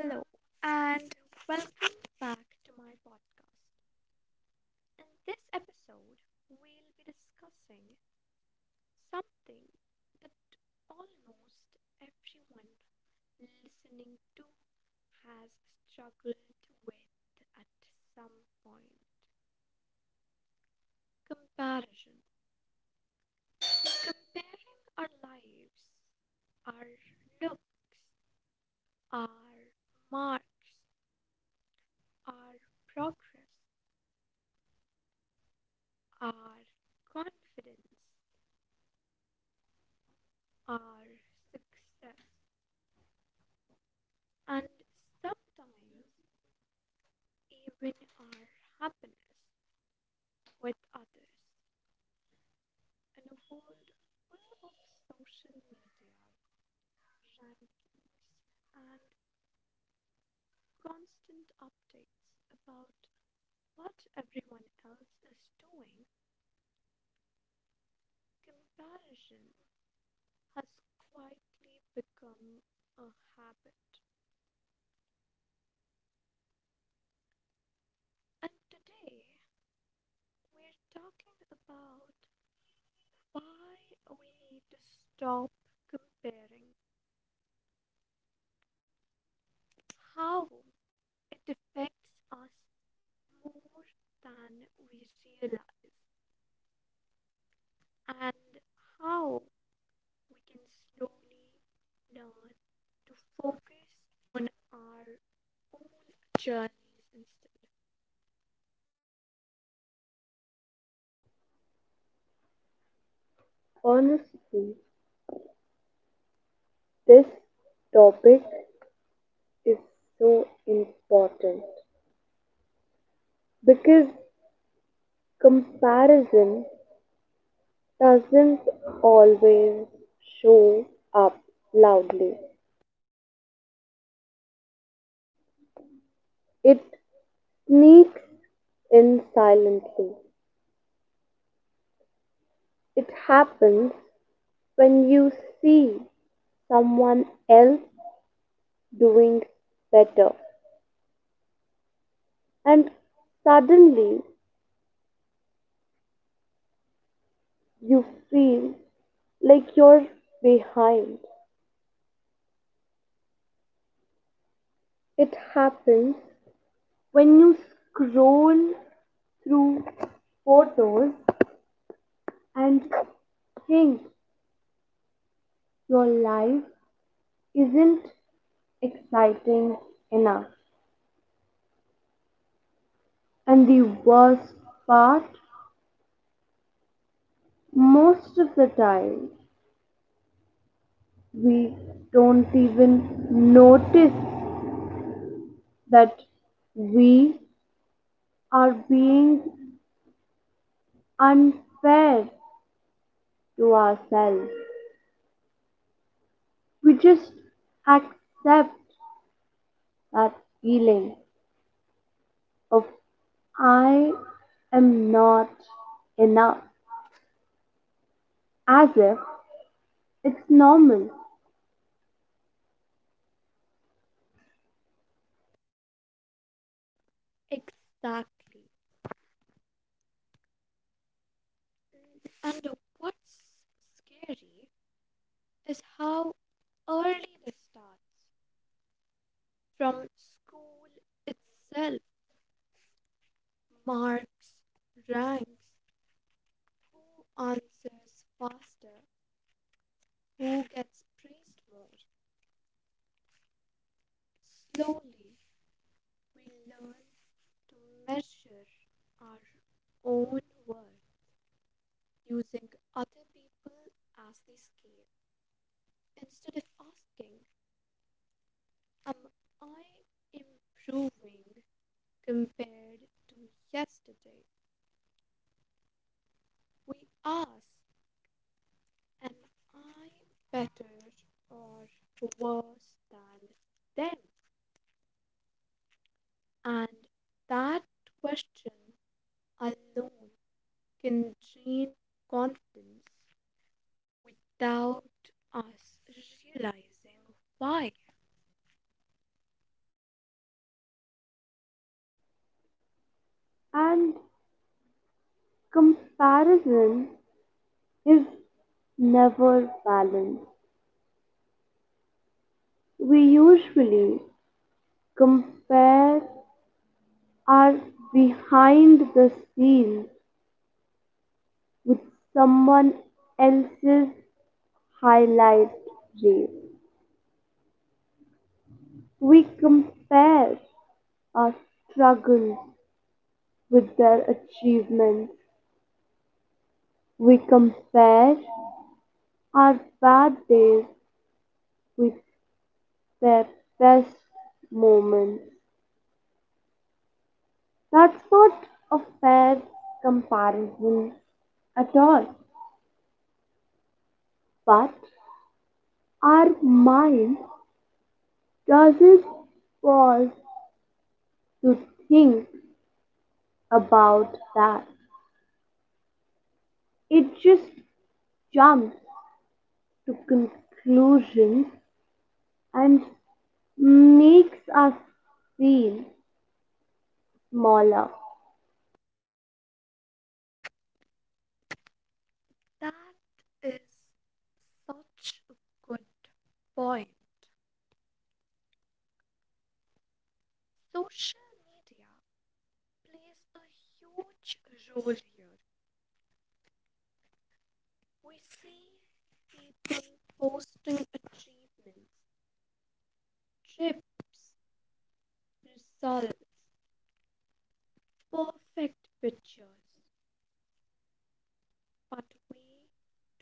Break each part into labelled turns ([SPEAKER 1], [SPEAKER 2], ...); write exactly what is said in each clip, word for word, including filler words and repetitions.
[SPEAKER 1] Hello and welcome back to my podcast. In this episode, we'll be discussing something that almost everyone listening to has struggled with at some point comparison. Comparing our lives, our looks, our marks, our progress, our confidence our success, and sometimes even our happiness with others. In a world full of social media, rankings, and constant updates about what everyone else is doing, comparison has quietly become a habit. And today we're talking about why we need to stop comparing how it affects us more than we realize and how we can slowly learn to focus on our own journeys instead.
[SPEAKER 2] Honestly, this topic is so important because comparison doesn't always show up loudly. It sneaks in silently. It happens when you see someone else doing better and suddenly you feel like you're behind. It happens when you scroll through photos and think your life isn't exciting enough. And the worst part, most of the time, we don't even notice that we are being unfair to ourselves. We just accept that feeling. Of I am not enough, as if it's normal.
[SPEAKER 1] Exactly. And what's scary is how early this starts from school itself. Marks, ranks, who answers faster, who gets praised more. Slowly, we learn to measure our own worth using other people as the scale instead of asking, am I improving compared to yesterday? We ask, am I better or worse than them? And that question alone can drain confidence without us realizing why.
[SPEAKER 2] And comparison is never balanced. We usually compare our behind the scenes with someone else's highlight reel. We compare our struggles with their achievements. We compare our bad days with their best moments. That's not a fair comparison at all. But our mind doesn't pause to think about that. It just jumps to conclusions and makes us feel smaller.
[SPEAKER 1] That is such a good point. Social media plays a huge role here. We see people posting achievements, trips, results, perfect pictures. But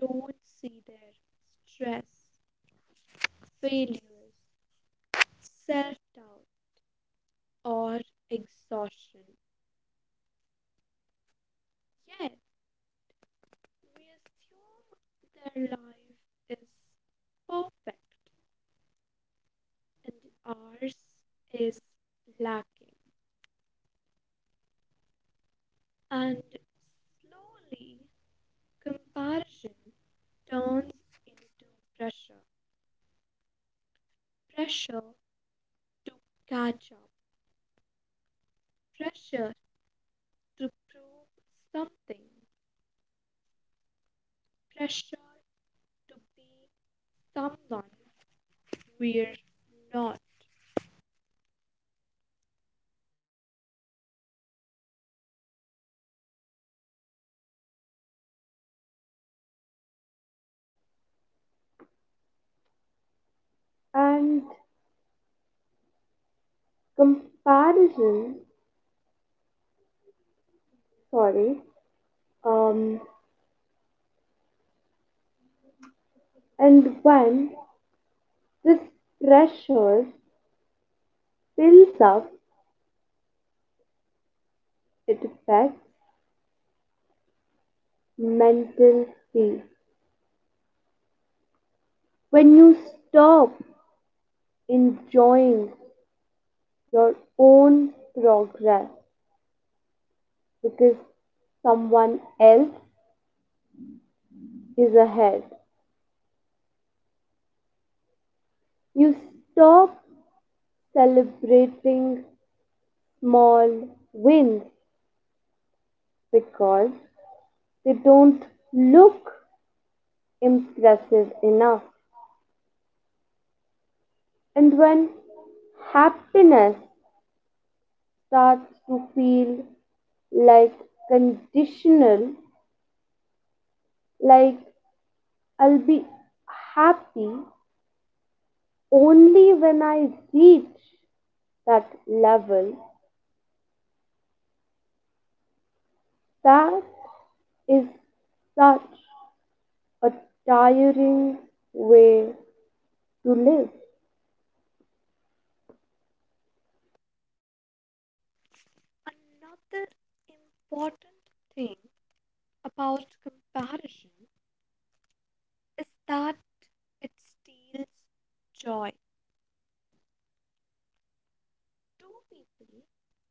[SPEAKER 1] we don't see their stress, failures, self doubt, or exhaustion. Yet, we assume their life is perfect and ours is lacking. And slowly, comparison turns into pressure. Pressure to catch up, pressure to prove something, pressure to be someone we're not.
[SPEAKER 2] And comparison, sorry, um, and when this pressure builds up, it affects mental peace. When you stop enjoying your own progress because someone else is ahead, you stop celebrating small wins because they don't look impressive enough. And when happiness starts to feel like conditional, like I'll be happy only when I reach that level, that is such a tiring way to live.
[SPEAKER 1] Another important thing about comparison is that it steals joy. Two people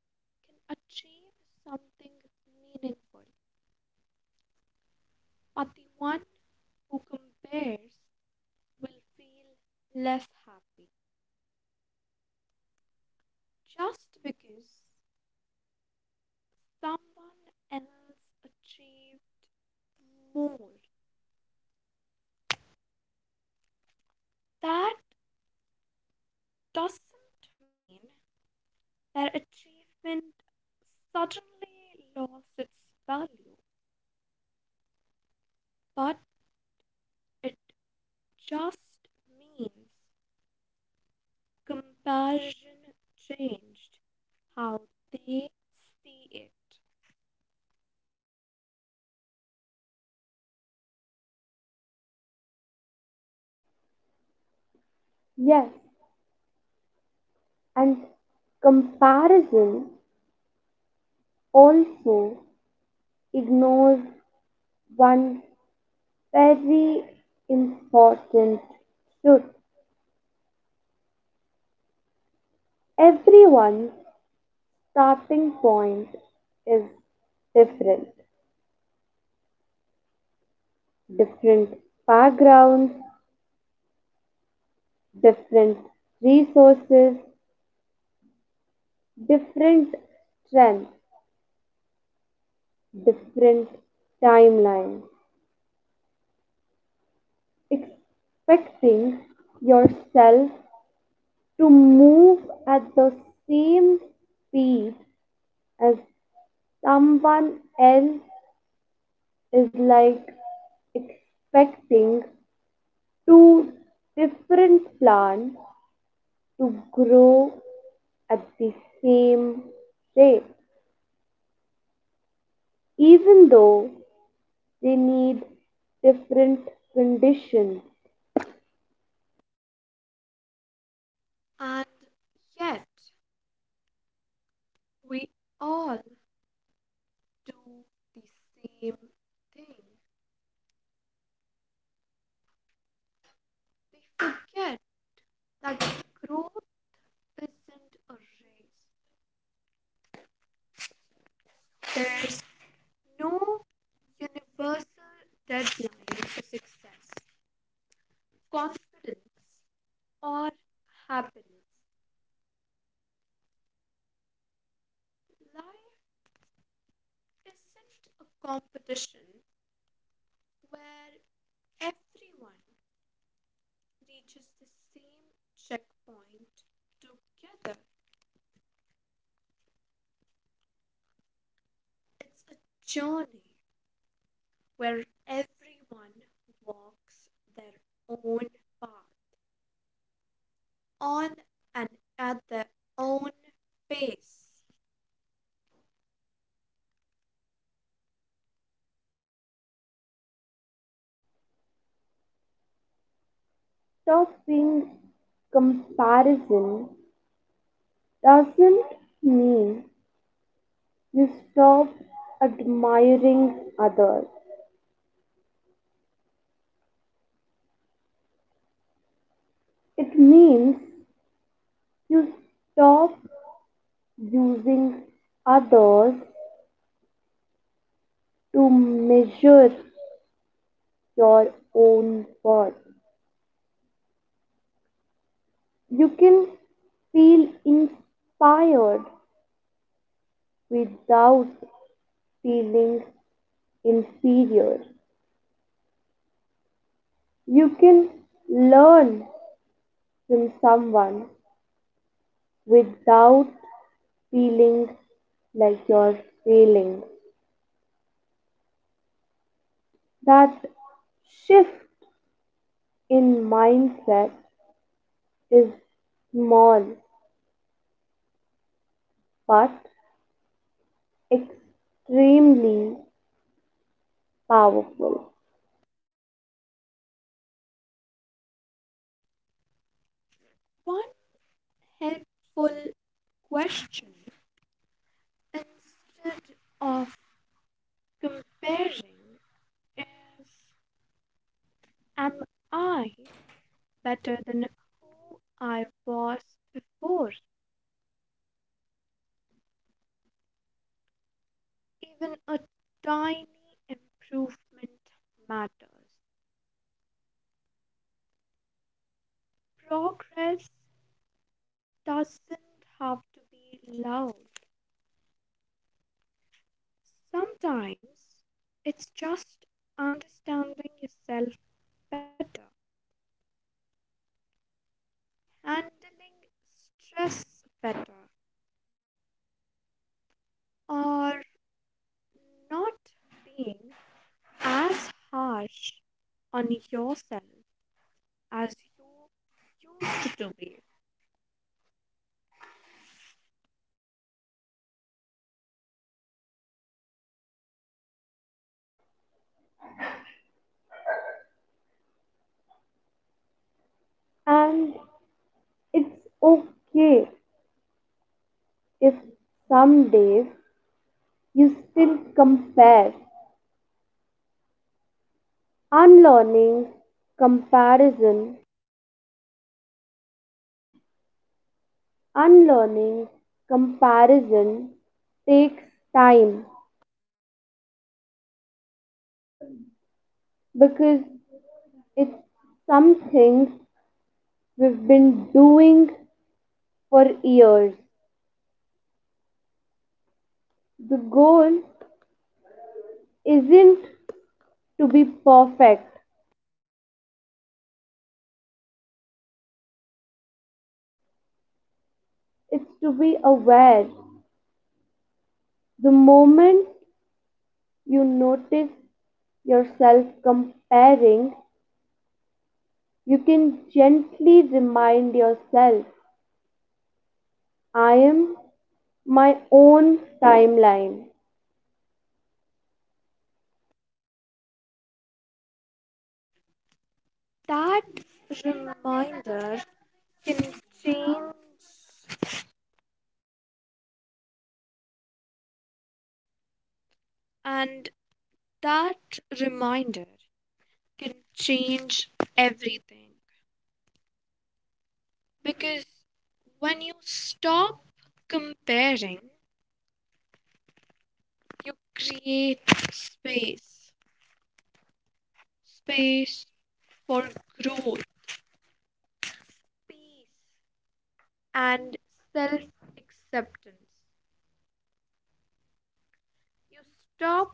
[SPEAKER 1] can achieve something meaningful, but the one who compares will feel less happy just because someone else achieved more. That doesn't mean that achievement suddenly lost its value, but it just means comparison changed how they see it.
[SPEAKER 2] Yes, and comparison also ignores one's very important should, everyone's starting point is different, different backgrounds, different resources, different strengths, different timelines, expecting yourself to move at the same speed as someone else is like expecting two different plants to grow at the same rate, even though they need different conditions.
[SPEAKER 1] And yet, we all do the same thing. We forget that growth isn't a race. There's no universal deadline for success, confidence, or happiness. Life isn't a competition where everyone reaches the same checkpoint together. It's a journey where everyone walks their own path on and at their own pace.
[SPEAKER 2] Stopping comparison doesn't mean you stop admiring others, it means you stop using others to measure your own worth. You can feel inspired without feeling inferior. You can learn from someone without feeling like you're failing. That shift in mindset is small but extremely powerful,
[SPEAKER 1] One helpful question instead of comparing is, am I better than who I was before? Even a tiny improvement matters. Progress doesn't have to be loud. Sometimes it's just understanding yourself better, handling stress better, or not being as harsh on yourself as you used to be.
[SPEAKER 2] and It's okay if some days you still compare. Unlearning comparison, unlearning comparison takes time because it's something we've been doing for years. The goal isn't to be perfect, it's to be aware. The moment you notice yourself comparing, You can gently remind yourself, I am my own timeline.
[SPEAKER 1] That reminder can change, and that reminder can change everything because when you stop comparing, you create space space for growth, peace and self acceptance. You stop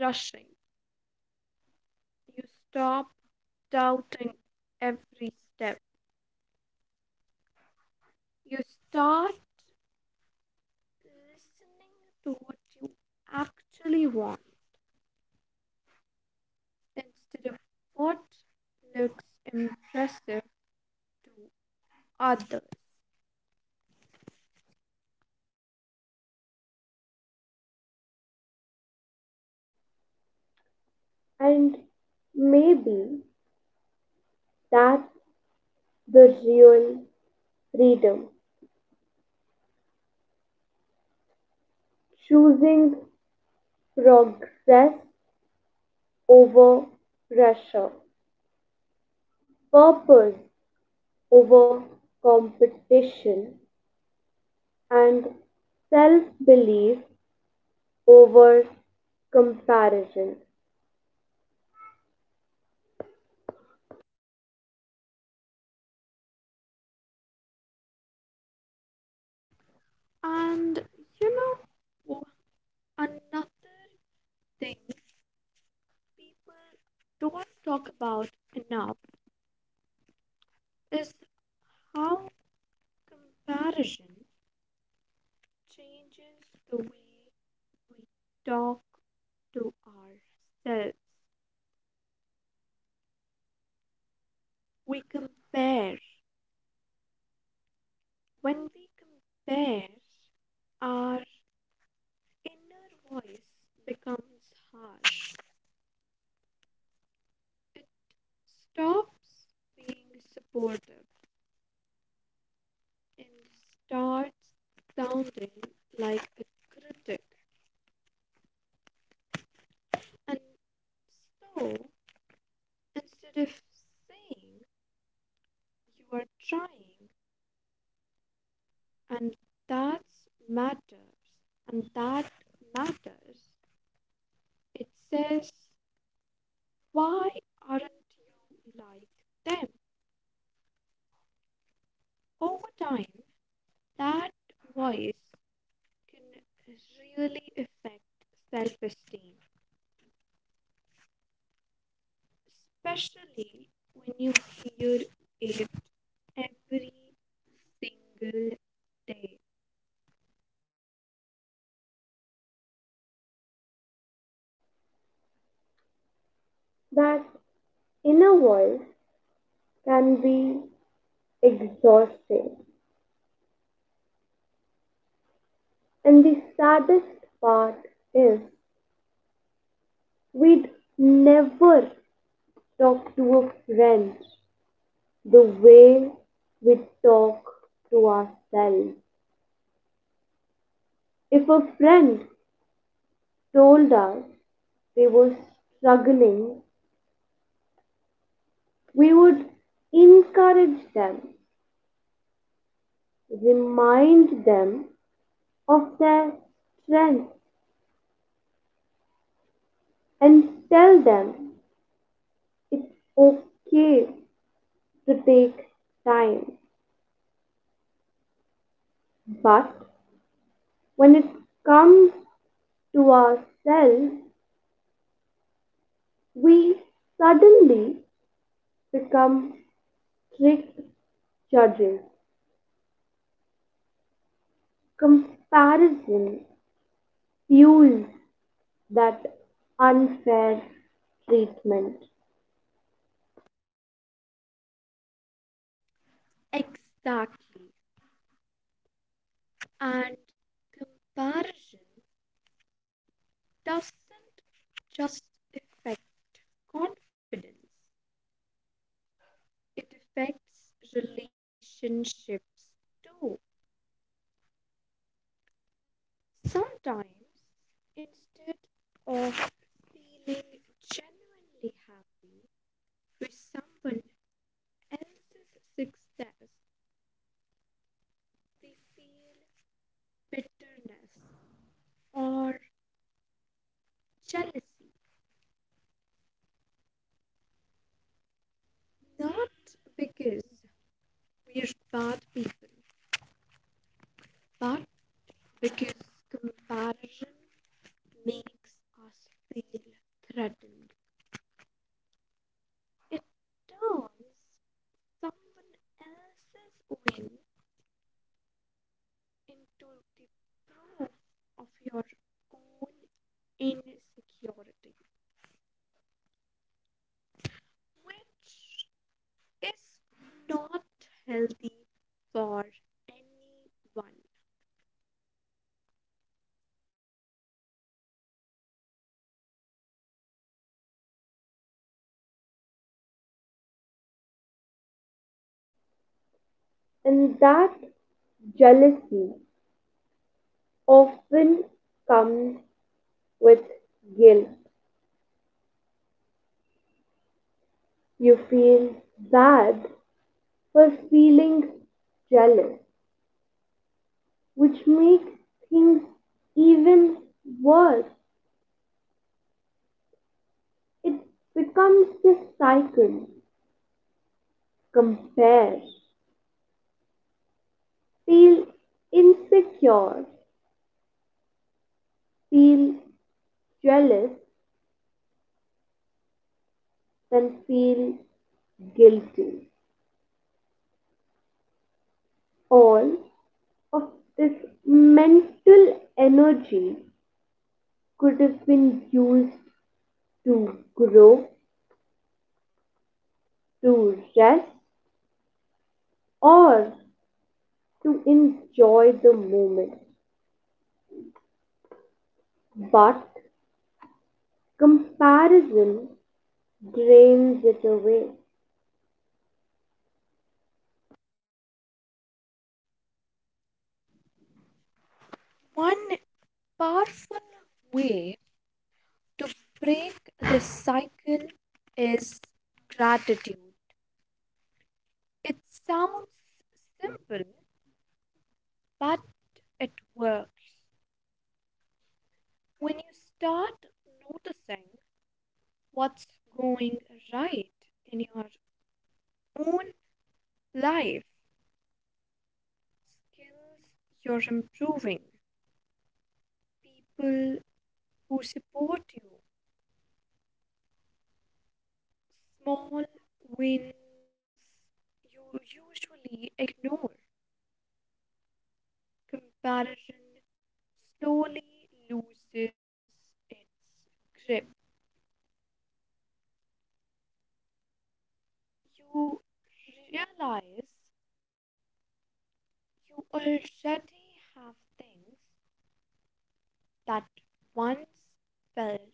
[SPEAKER 1] rushing, you stop doubting every step, you start listening to what you actually want instead of what looks impressive to others.
[SPEAKER 2] And maybe that's the real freedom, choosing progress over pressure, purpose over competition, and self belief over comparison.
[SPEAKER 1] And you know, wh- another thing people don't talk about enough is how comparison changes the way we talk to ourselves. We compare. When we compare, our inner voice becomes harsh. It stops being supportive and starts sounding like a critic. And so, instead of saying you are trying, and that's matters and that matters it says why aren't you like them over time that voice can really affect self-esteem especially when you hear it every single day.
[SPEAKER 2] That inner voice can be exhausting. And the saddest part is we'd never talk to a friend the way we talk to ourselves. If a friend told us they were struggling, we would encourage them, remind them of their strength, and tell them it's okay to take time. But when it comes to ourselves, we suddenly become strict judges. Comparison fuels that unfair treatment,
[SPEAKER 1] Exactly. And comparison doesn't just affect confidence, it affects relationships too. Sometimes, instead of feeling genuinely happy with someone else's success, we feel bitterness or jealousy. Not because we're bad people, but because comparison makes us feel threatened. It turns someone else's win into the proof of your own insecurity, which is not healthy for anyone.
[SPEAKER 2] and that jealousy often comes with guilt. You feel bad for feeling jealous, which makes things even worse. It becomes this cycle: compare, feel insecure, feel jealous, then feel guilty. All of this mental energy could have been used to grow, to rest, or to enjoy the moment, but comparison drains it away.
[SPEAKER 1] One powerful way to break this cycle is gratitude. It sounds simple, but it works when you start noticing what's going right in your own life, skills you're improving, people who support you, small wins you usually ignore. Comparison slowly loses its grip. You realize you already have things that once felt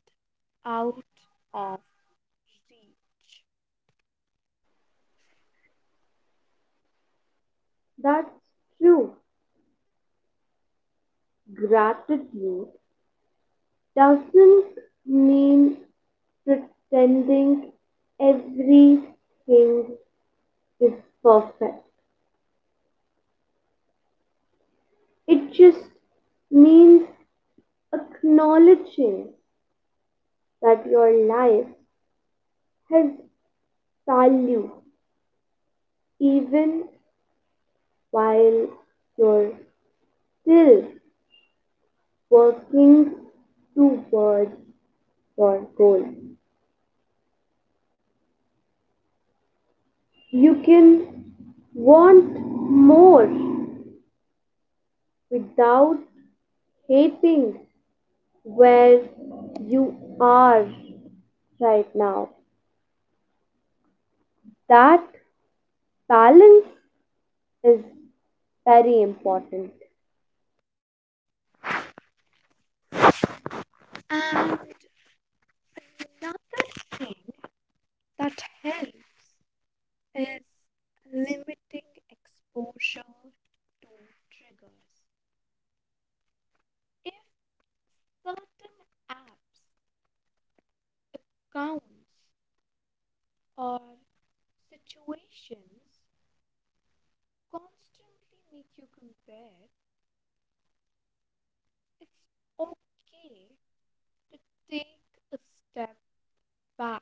[SPEAKER 1] out of reach.
[SPEAKER 2] That's true. Gratitude doesn't mean pretending everything is perfect. It just means acknowledging that your life has value, even while you're still working towards your goal. You can want more without hating where you are right now. That balance is very important,
[SPEAKER 1] And another thing that helps is limiting exposure to triggers. If certain apps, accounts, or situations constantly make you compare, it's okay to take a step back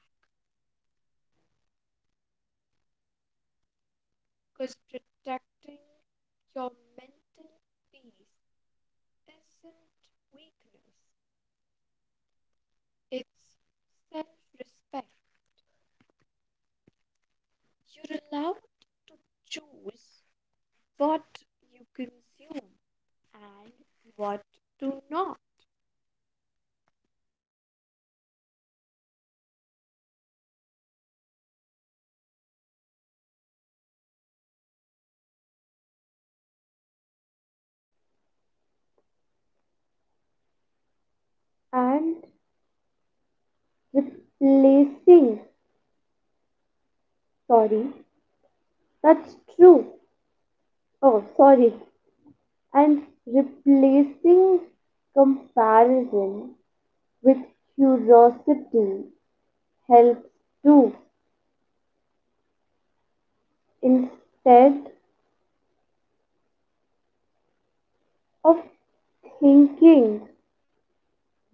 [SPEAKER 1] because protecting your mental peace isn't weakness, it's self respect. You're allowed to choose what you consume and what to not.
[SPEAKER 2] and replacing sorry that's true oh sorry and replacing comparison with curiosity helps too. Instead of thinking,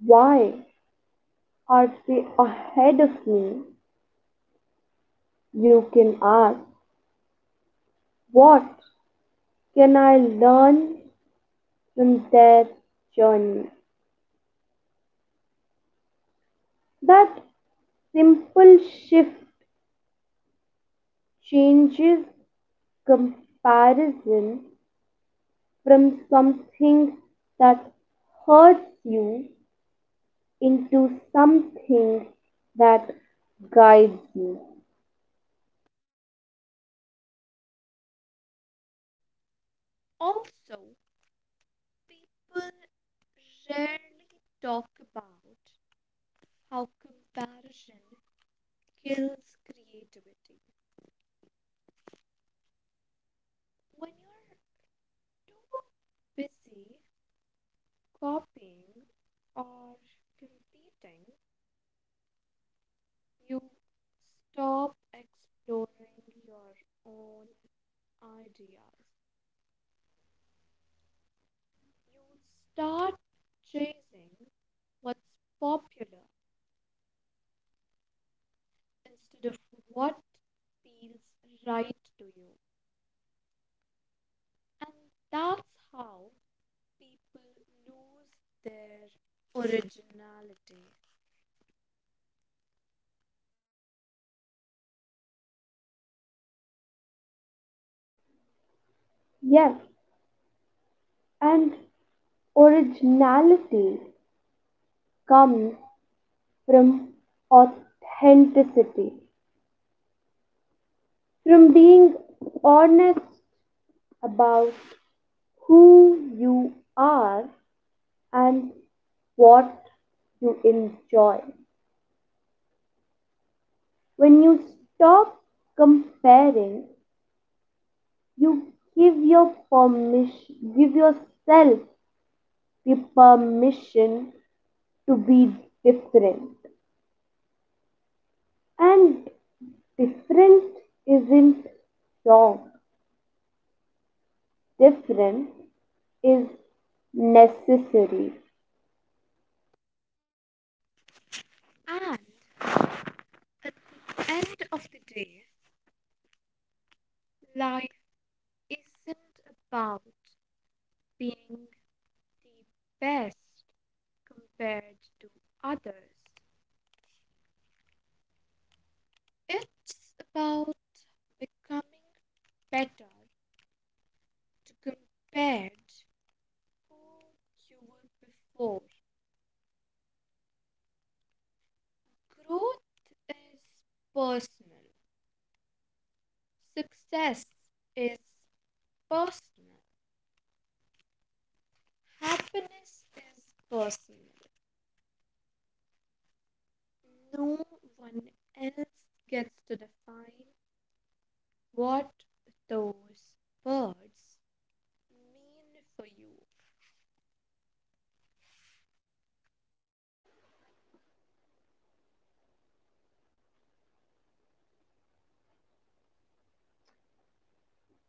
[SPEAKER 2] why are they ahead of me? You can ask, what can I learn from their journey? That simple shift changes comparison from something that hurts you into something that guides you.
[SPEAKER 1] Also, people rarely talk about how comparison kills creativity. When you're too busy copying or competing, you stop exploring your own ideas. You start chasing what's popular instead of what feels right to you. And that's how people lose their originality.
[SPEAKER 2] Yes, and originality comes from authenticity, from being honest about who you are and what you enjoy. When you stop comparing you give your permission give yourself the permission to be different, and different isn't wrong, different is necessary.
[SPEAKER 1] And at the end of the day, life isn't about being the best compared to others. It's about becoming better to compared who you were before. Growth is personal. Success is personal. Happiness is personal. No one else gets to define what those words mean for you.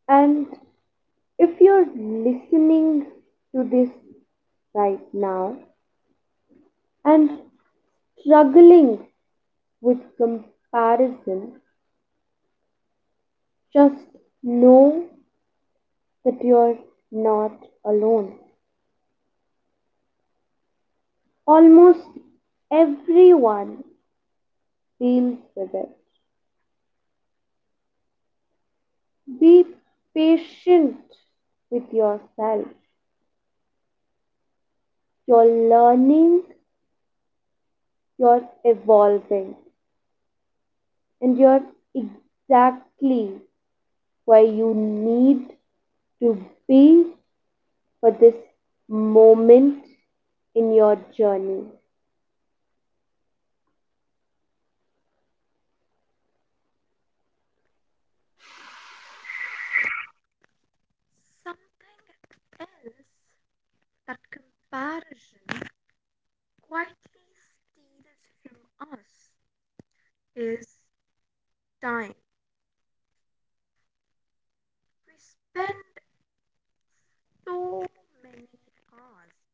[SPEAKER 2] And if you're listening to this right now and struggling with comparison, just know that you're not alone. Almost everyone deals with it. Be patient with yourself. You're learning, you're evolving, and you're exactly where you need to be for this moment in your journey.
[SPEAKER 1] Something else that comparison quietly steals from us is time. We spend so many hours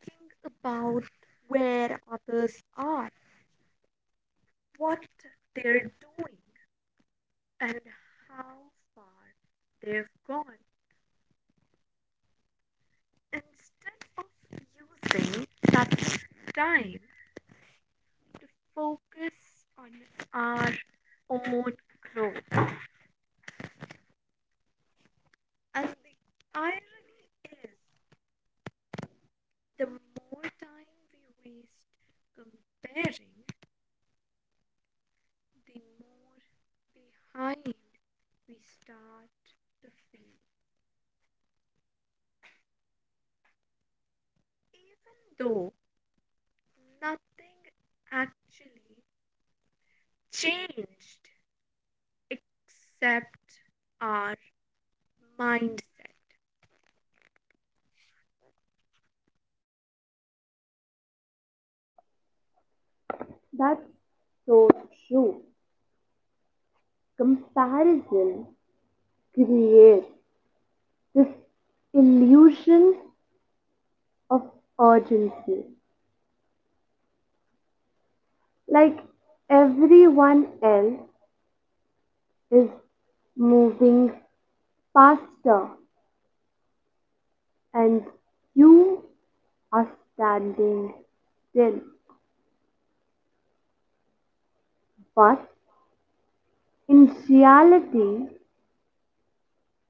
[SPEAKER 1] thinking about where others are, what they're doing, and how far they've gone. Instead of using that time to focus on our own growth. And the irony is, the more time we waste comparing, the more behind we start to feel. Even though nothing actually changed except our mindset.
[SPEAKER 2] That's so true. Comparison creates this illusion of urgency. Like everyone else is moving faster and you are standing still. But in reality,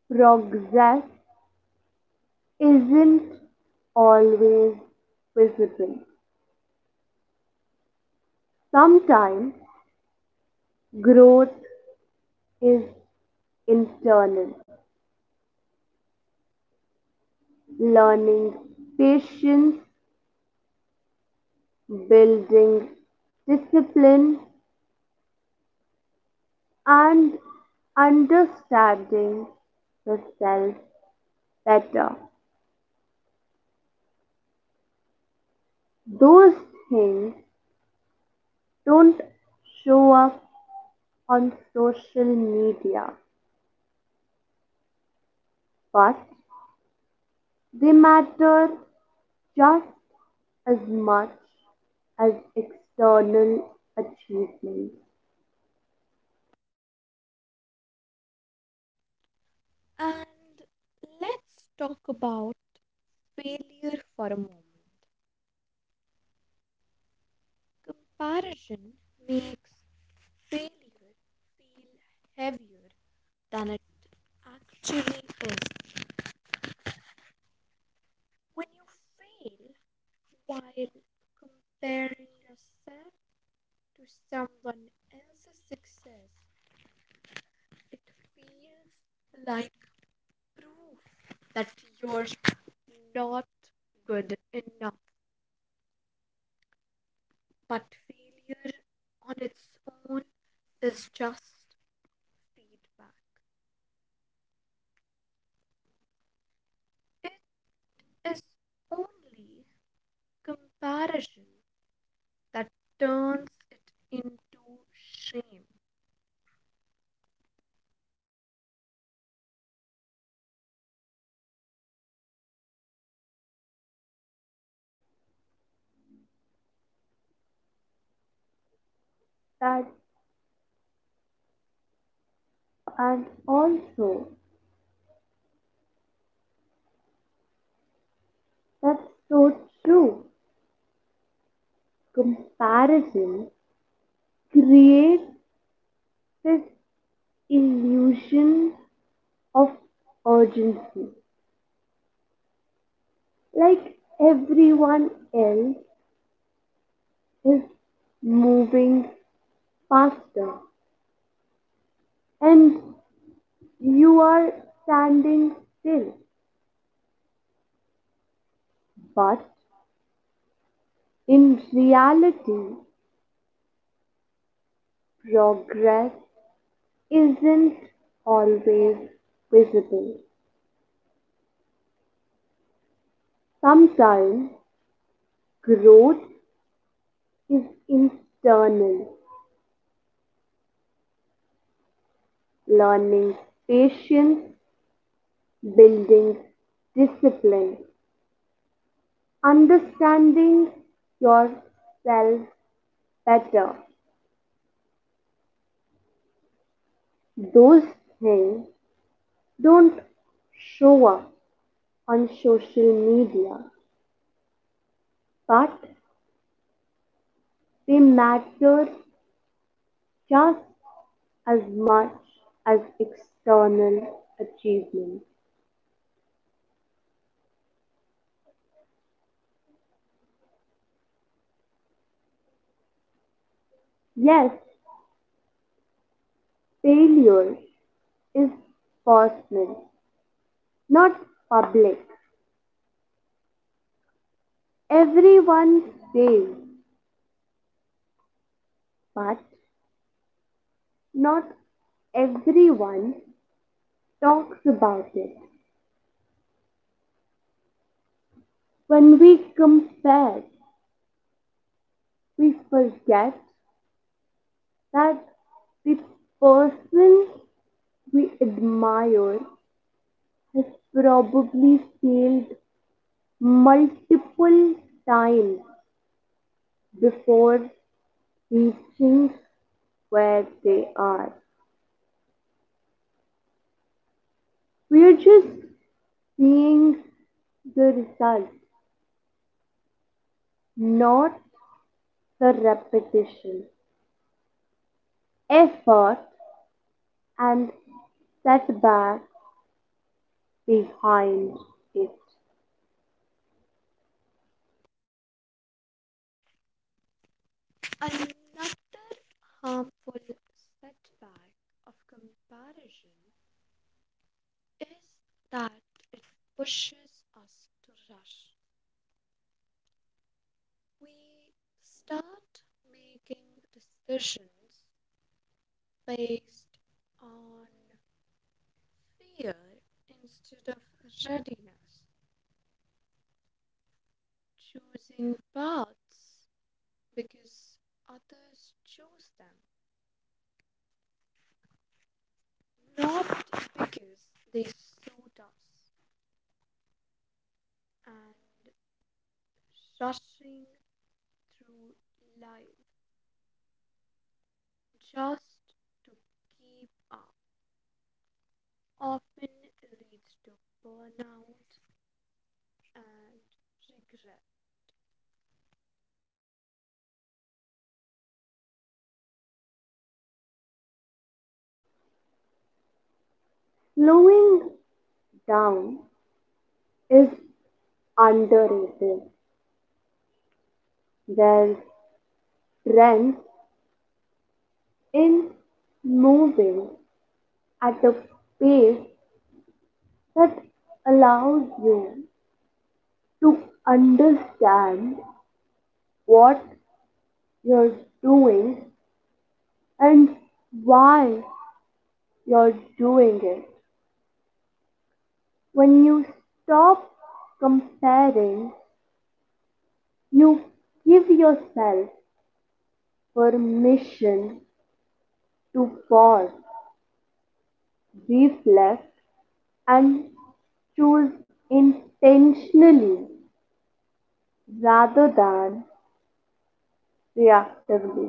[SPEAKER 2] progress isn't always visible. Sometimes growth is internal, learning patience, building discipline, and understanding yourself better. Those things don't show up on social media, but they matter just as much as external achievements.
[SPEAKER 1] And let's talk about failure for a moment. Comparison makes failure feel heavier than it actually is. When you fail while comparing yourself to someone else's success, it feels like proof that you're not good enough. But failure on its own is just feedback. It is only comparison that turns it into shame.
[SPEAKER 2] That and also that's so true. Comparison creates this illusion of urgency. Like everyone else is moving faster and you are standing still. But in reality, progress isn't always visible. Sometimes growth is internal, learning patience, building discipline, understanding yourself better. Those things don't show up on social media, but they matter just as much as external achievement. Yes, failure is personal, not public. Everyone fails, but Not everyone talks about it. When we compare, we forget that the person we admire has probably failed multiple times before reaching where they are. We are just seeing the result, not the repetition, effort and setback behind it.
[SPEAKER 1] Another harmful setback of comparison is that it pushes us to rush. We start making decisions based on fear instead of readiness, choosing paths because others choose them, not because they suit us and rushing through life just to keep up often leads to burnout and regret.
[SPEAKER 2] Slowing down is underrated. There's strength in moving at a pace that allows you to understand what you're doing and why you're doing it. When you stop comparing, you give yourself permission to pause, reflect, and choose intentionally rather than reactively.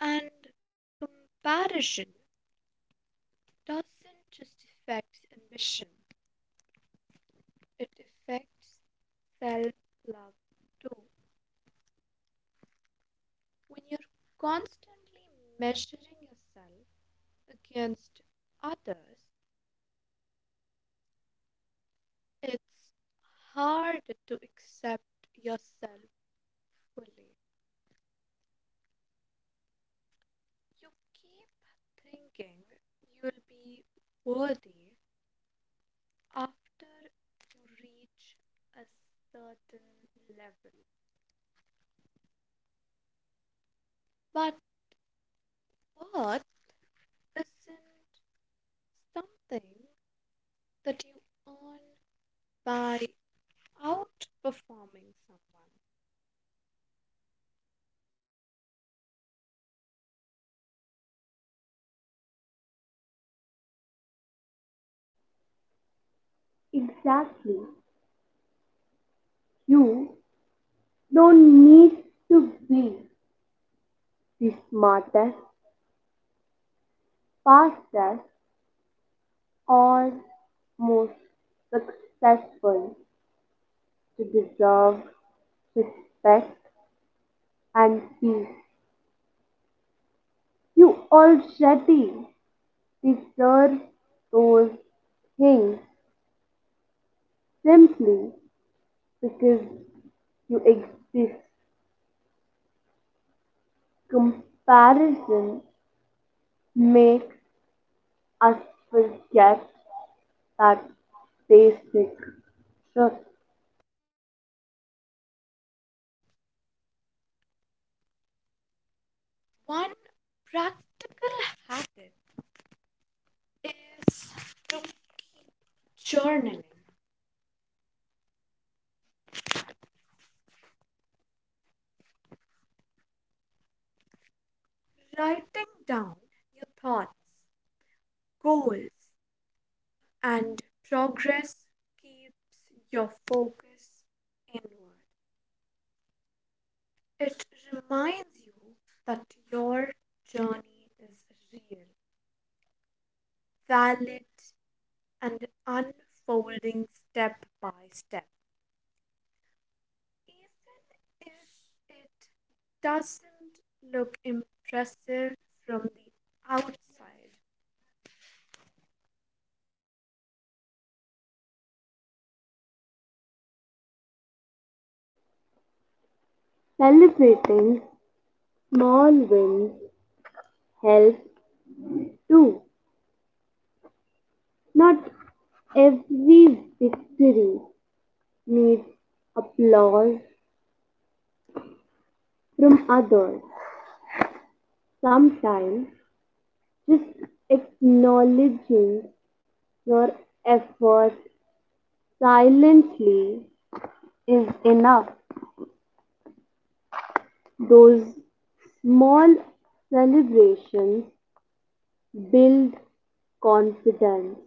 [SPEAKER 1] And comparison doesn't just affect ambition, it affects self love too. When you're constantly measuring yourself against others, it's hard to accept yourself fully. You keep thinking you'll be worthy after you reach a certain level. But worth isn't something that you earn by outperforming someone.
[SPEAKER 2] Exactly. You don't need to be the smartest, fastest, or most successful to deserve respect and peace. You already deserve those things simply because you exist. Comparison makes us forget that basic truth.
[SPEAKER 1] One practical habit is to journaling. Writing down your thoughts, goals, and progress keeps your focus inward. It reminds you that your journey is real, valid, and unfolding step by step. Even if it doesn't look impressive from the outside.
[SPEAKER 2] Celebrating small wins helps too. Not every victory needs applause from others. Sometimes just acknowledging your effort silently is enough. Those small celebrations build confidence,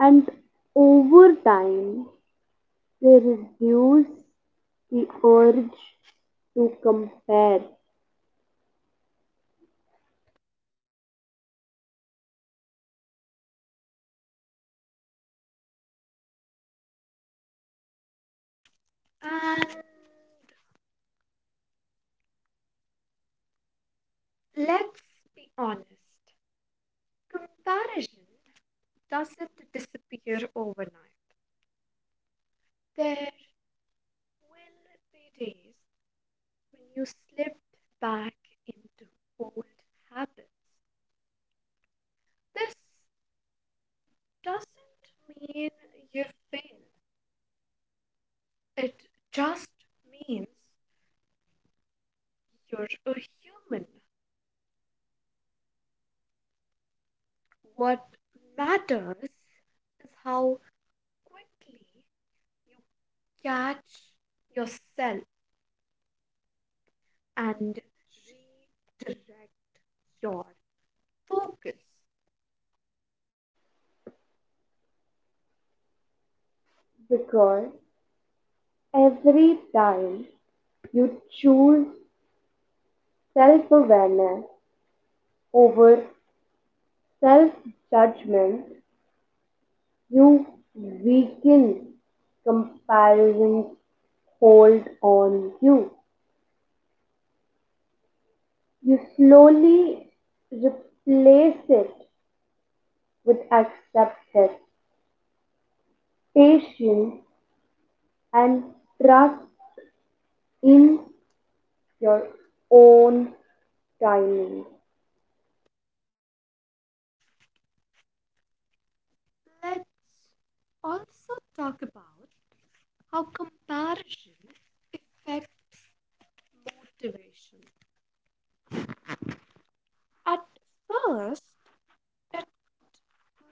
[SPEAKER 2] and over time they reduce the urge to compare,
[SPEAKER 1] And let's be honest, comparison doesn't disappear overnight. There will be days when you slip back into old habits. This doesn't mean you fail, it just means you're a human. What matters is how quickly you catch yourself and redirect your focus.
[SPEAKER 2] because every time you choose self awareness over self judgment, you weaken comparison's hold on you. You slowly replace it with acceptance, patience, and trust in your own timing.
[SPEAKER 1] Let's also talk about how comparison affects motivation. At first, it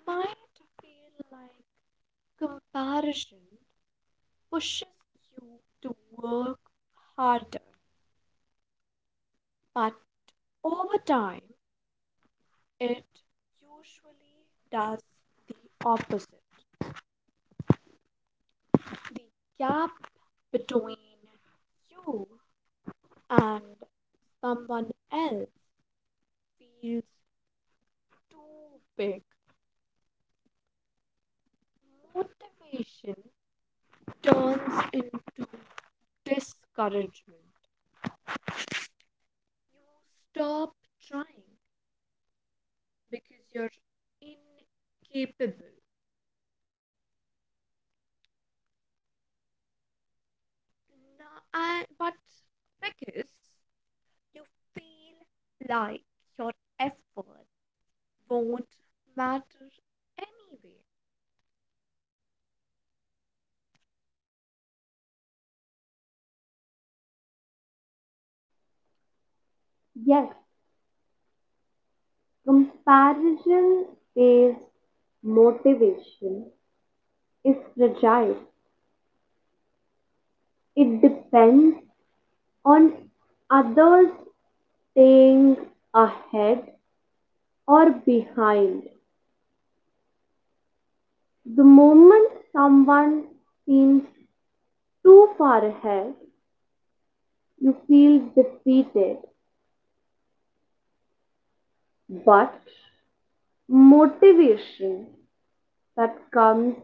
[SPEAKER 1] might feel like comparison pushes you to work harder, but over time, it usually does the opposite. The gap between you and someone else feels too big, motivation turns into discouragement. You stop trying because you're incapable. No, I. But because you feel like your effort won't matter anyway.
[SPEAKER 2] Yes, comparison based motivation is fragile. It depends on others staying ahead or behind. The moment someone seems too far ahead, you feel defeated. But motivation that comes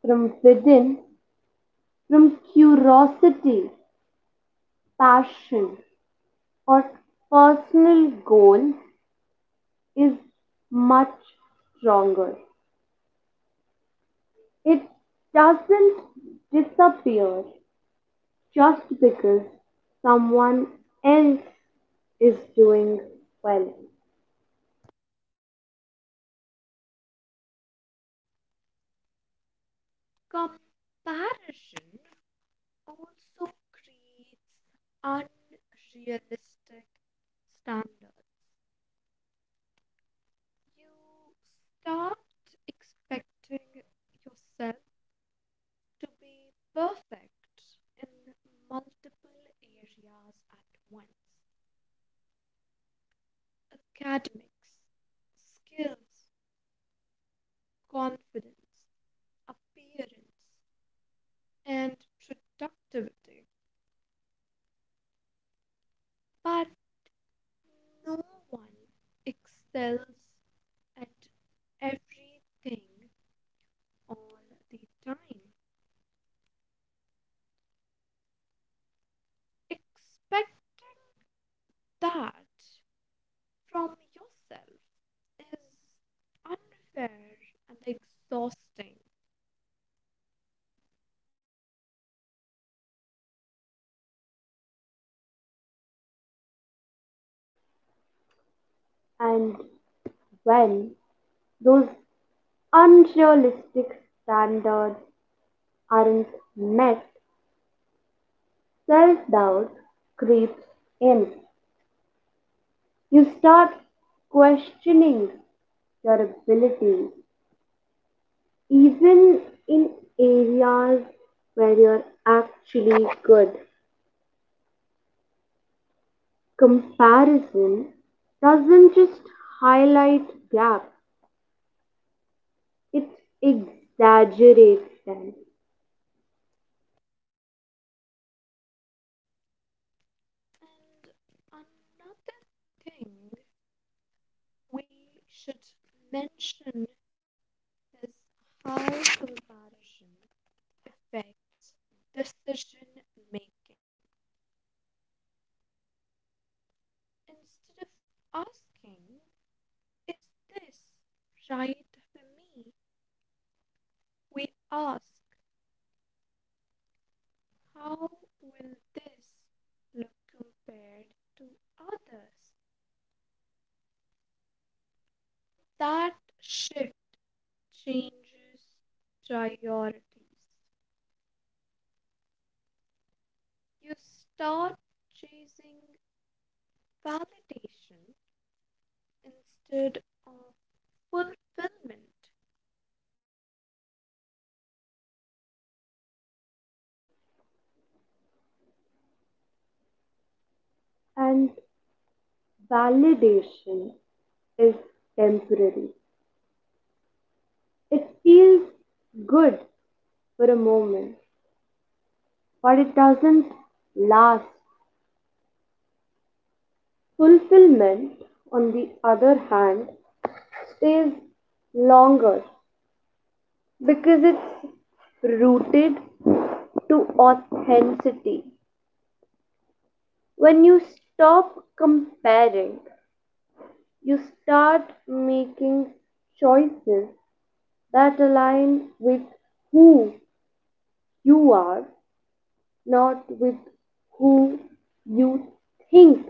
[SPEAKER 2] from within, from curiosity, passion, or personal goals is much stronger. It doesn't disappear just because someone else is doing well.
[SPEAKER 1] Comparison also creates unrealistic standards. You start expecting yourself to be perfect in multiple areas at once academics, skills, confidence, appearance, and productivity. But no one excels at everything all the time. Expecting that from yourself is unfair and exhausting.
[SPEAKER 2] And when those unrealistic standards aren't met, self doubt creeps in. You start questioning your abilities, even in areas where you're actually good. Comparison doesn't just highlight gaps, it exaggerates them.
[SPEAKER 1] And another thing we should mention is how comparison affects decision making. Instead of asking, is this right for me? We ask, how will this look compared to others? That shift changes priorities. You start chasing validation instead of fulfillment.
[SPEAKER 2] And validation is temporary. It feels good for a moment, but it doesn't last. Fulfillment, on the other hand, stays longer because it's rooted to authenticity. When you stop comparing, you start making choices that align with who you are, not with who you think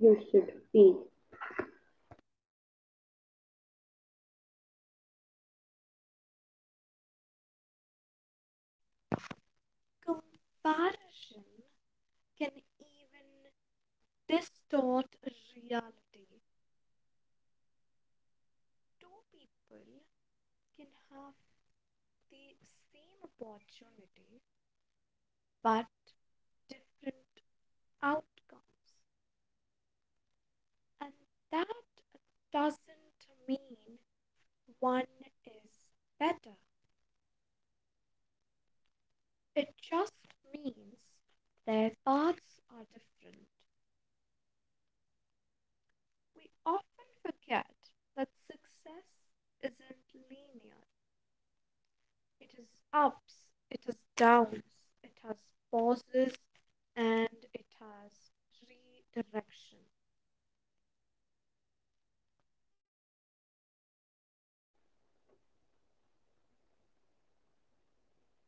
[SPEAKER 2] you should be.
[SPEAKER 1] Comparison can even distort reality. Two people can have the same opportunity but different outcomes, and that doesn't mean one is better. It just means their paths are different. We often forget that success isn't linear. It has ups, it has downs, it has pauses, and it has redirection.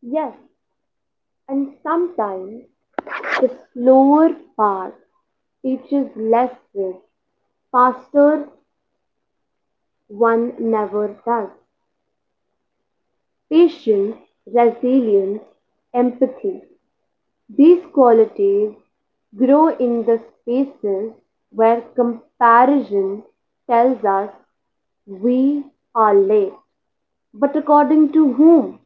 [SPEAKER 2] Yes, and sometimes the slower path teaches lessons faster one never does. Patience, resilience, empathy. These qualities grow in the spaces where comparison tells us we are late. But according to whom?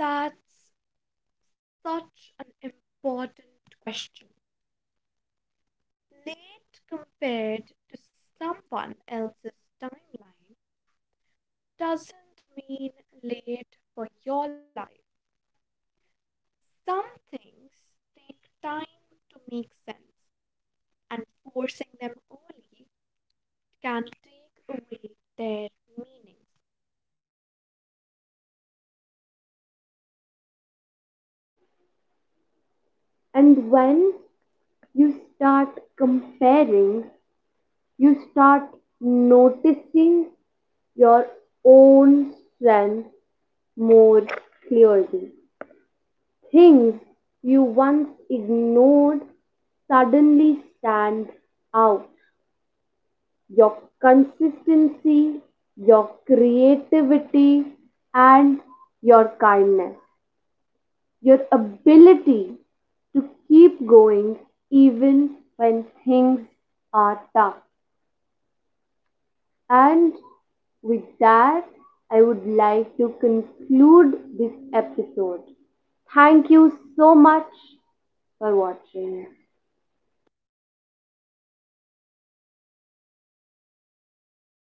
[SPEAKER 1] That's such an important question. Late compared to someone else's timeline doesn't mean late for your life. Some things take time to make sense, and forcing them early can take away their meaning.
[SPEAKER 2] And when you start comparing, you start noticing your own strengths more clearly. Things you once ignored suddenly stand out: your consistency, your creativity, and your kindness, your ability to keep going even when things are tough. And with that, I would like to conclude this episode. Thank you so much for watching.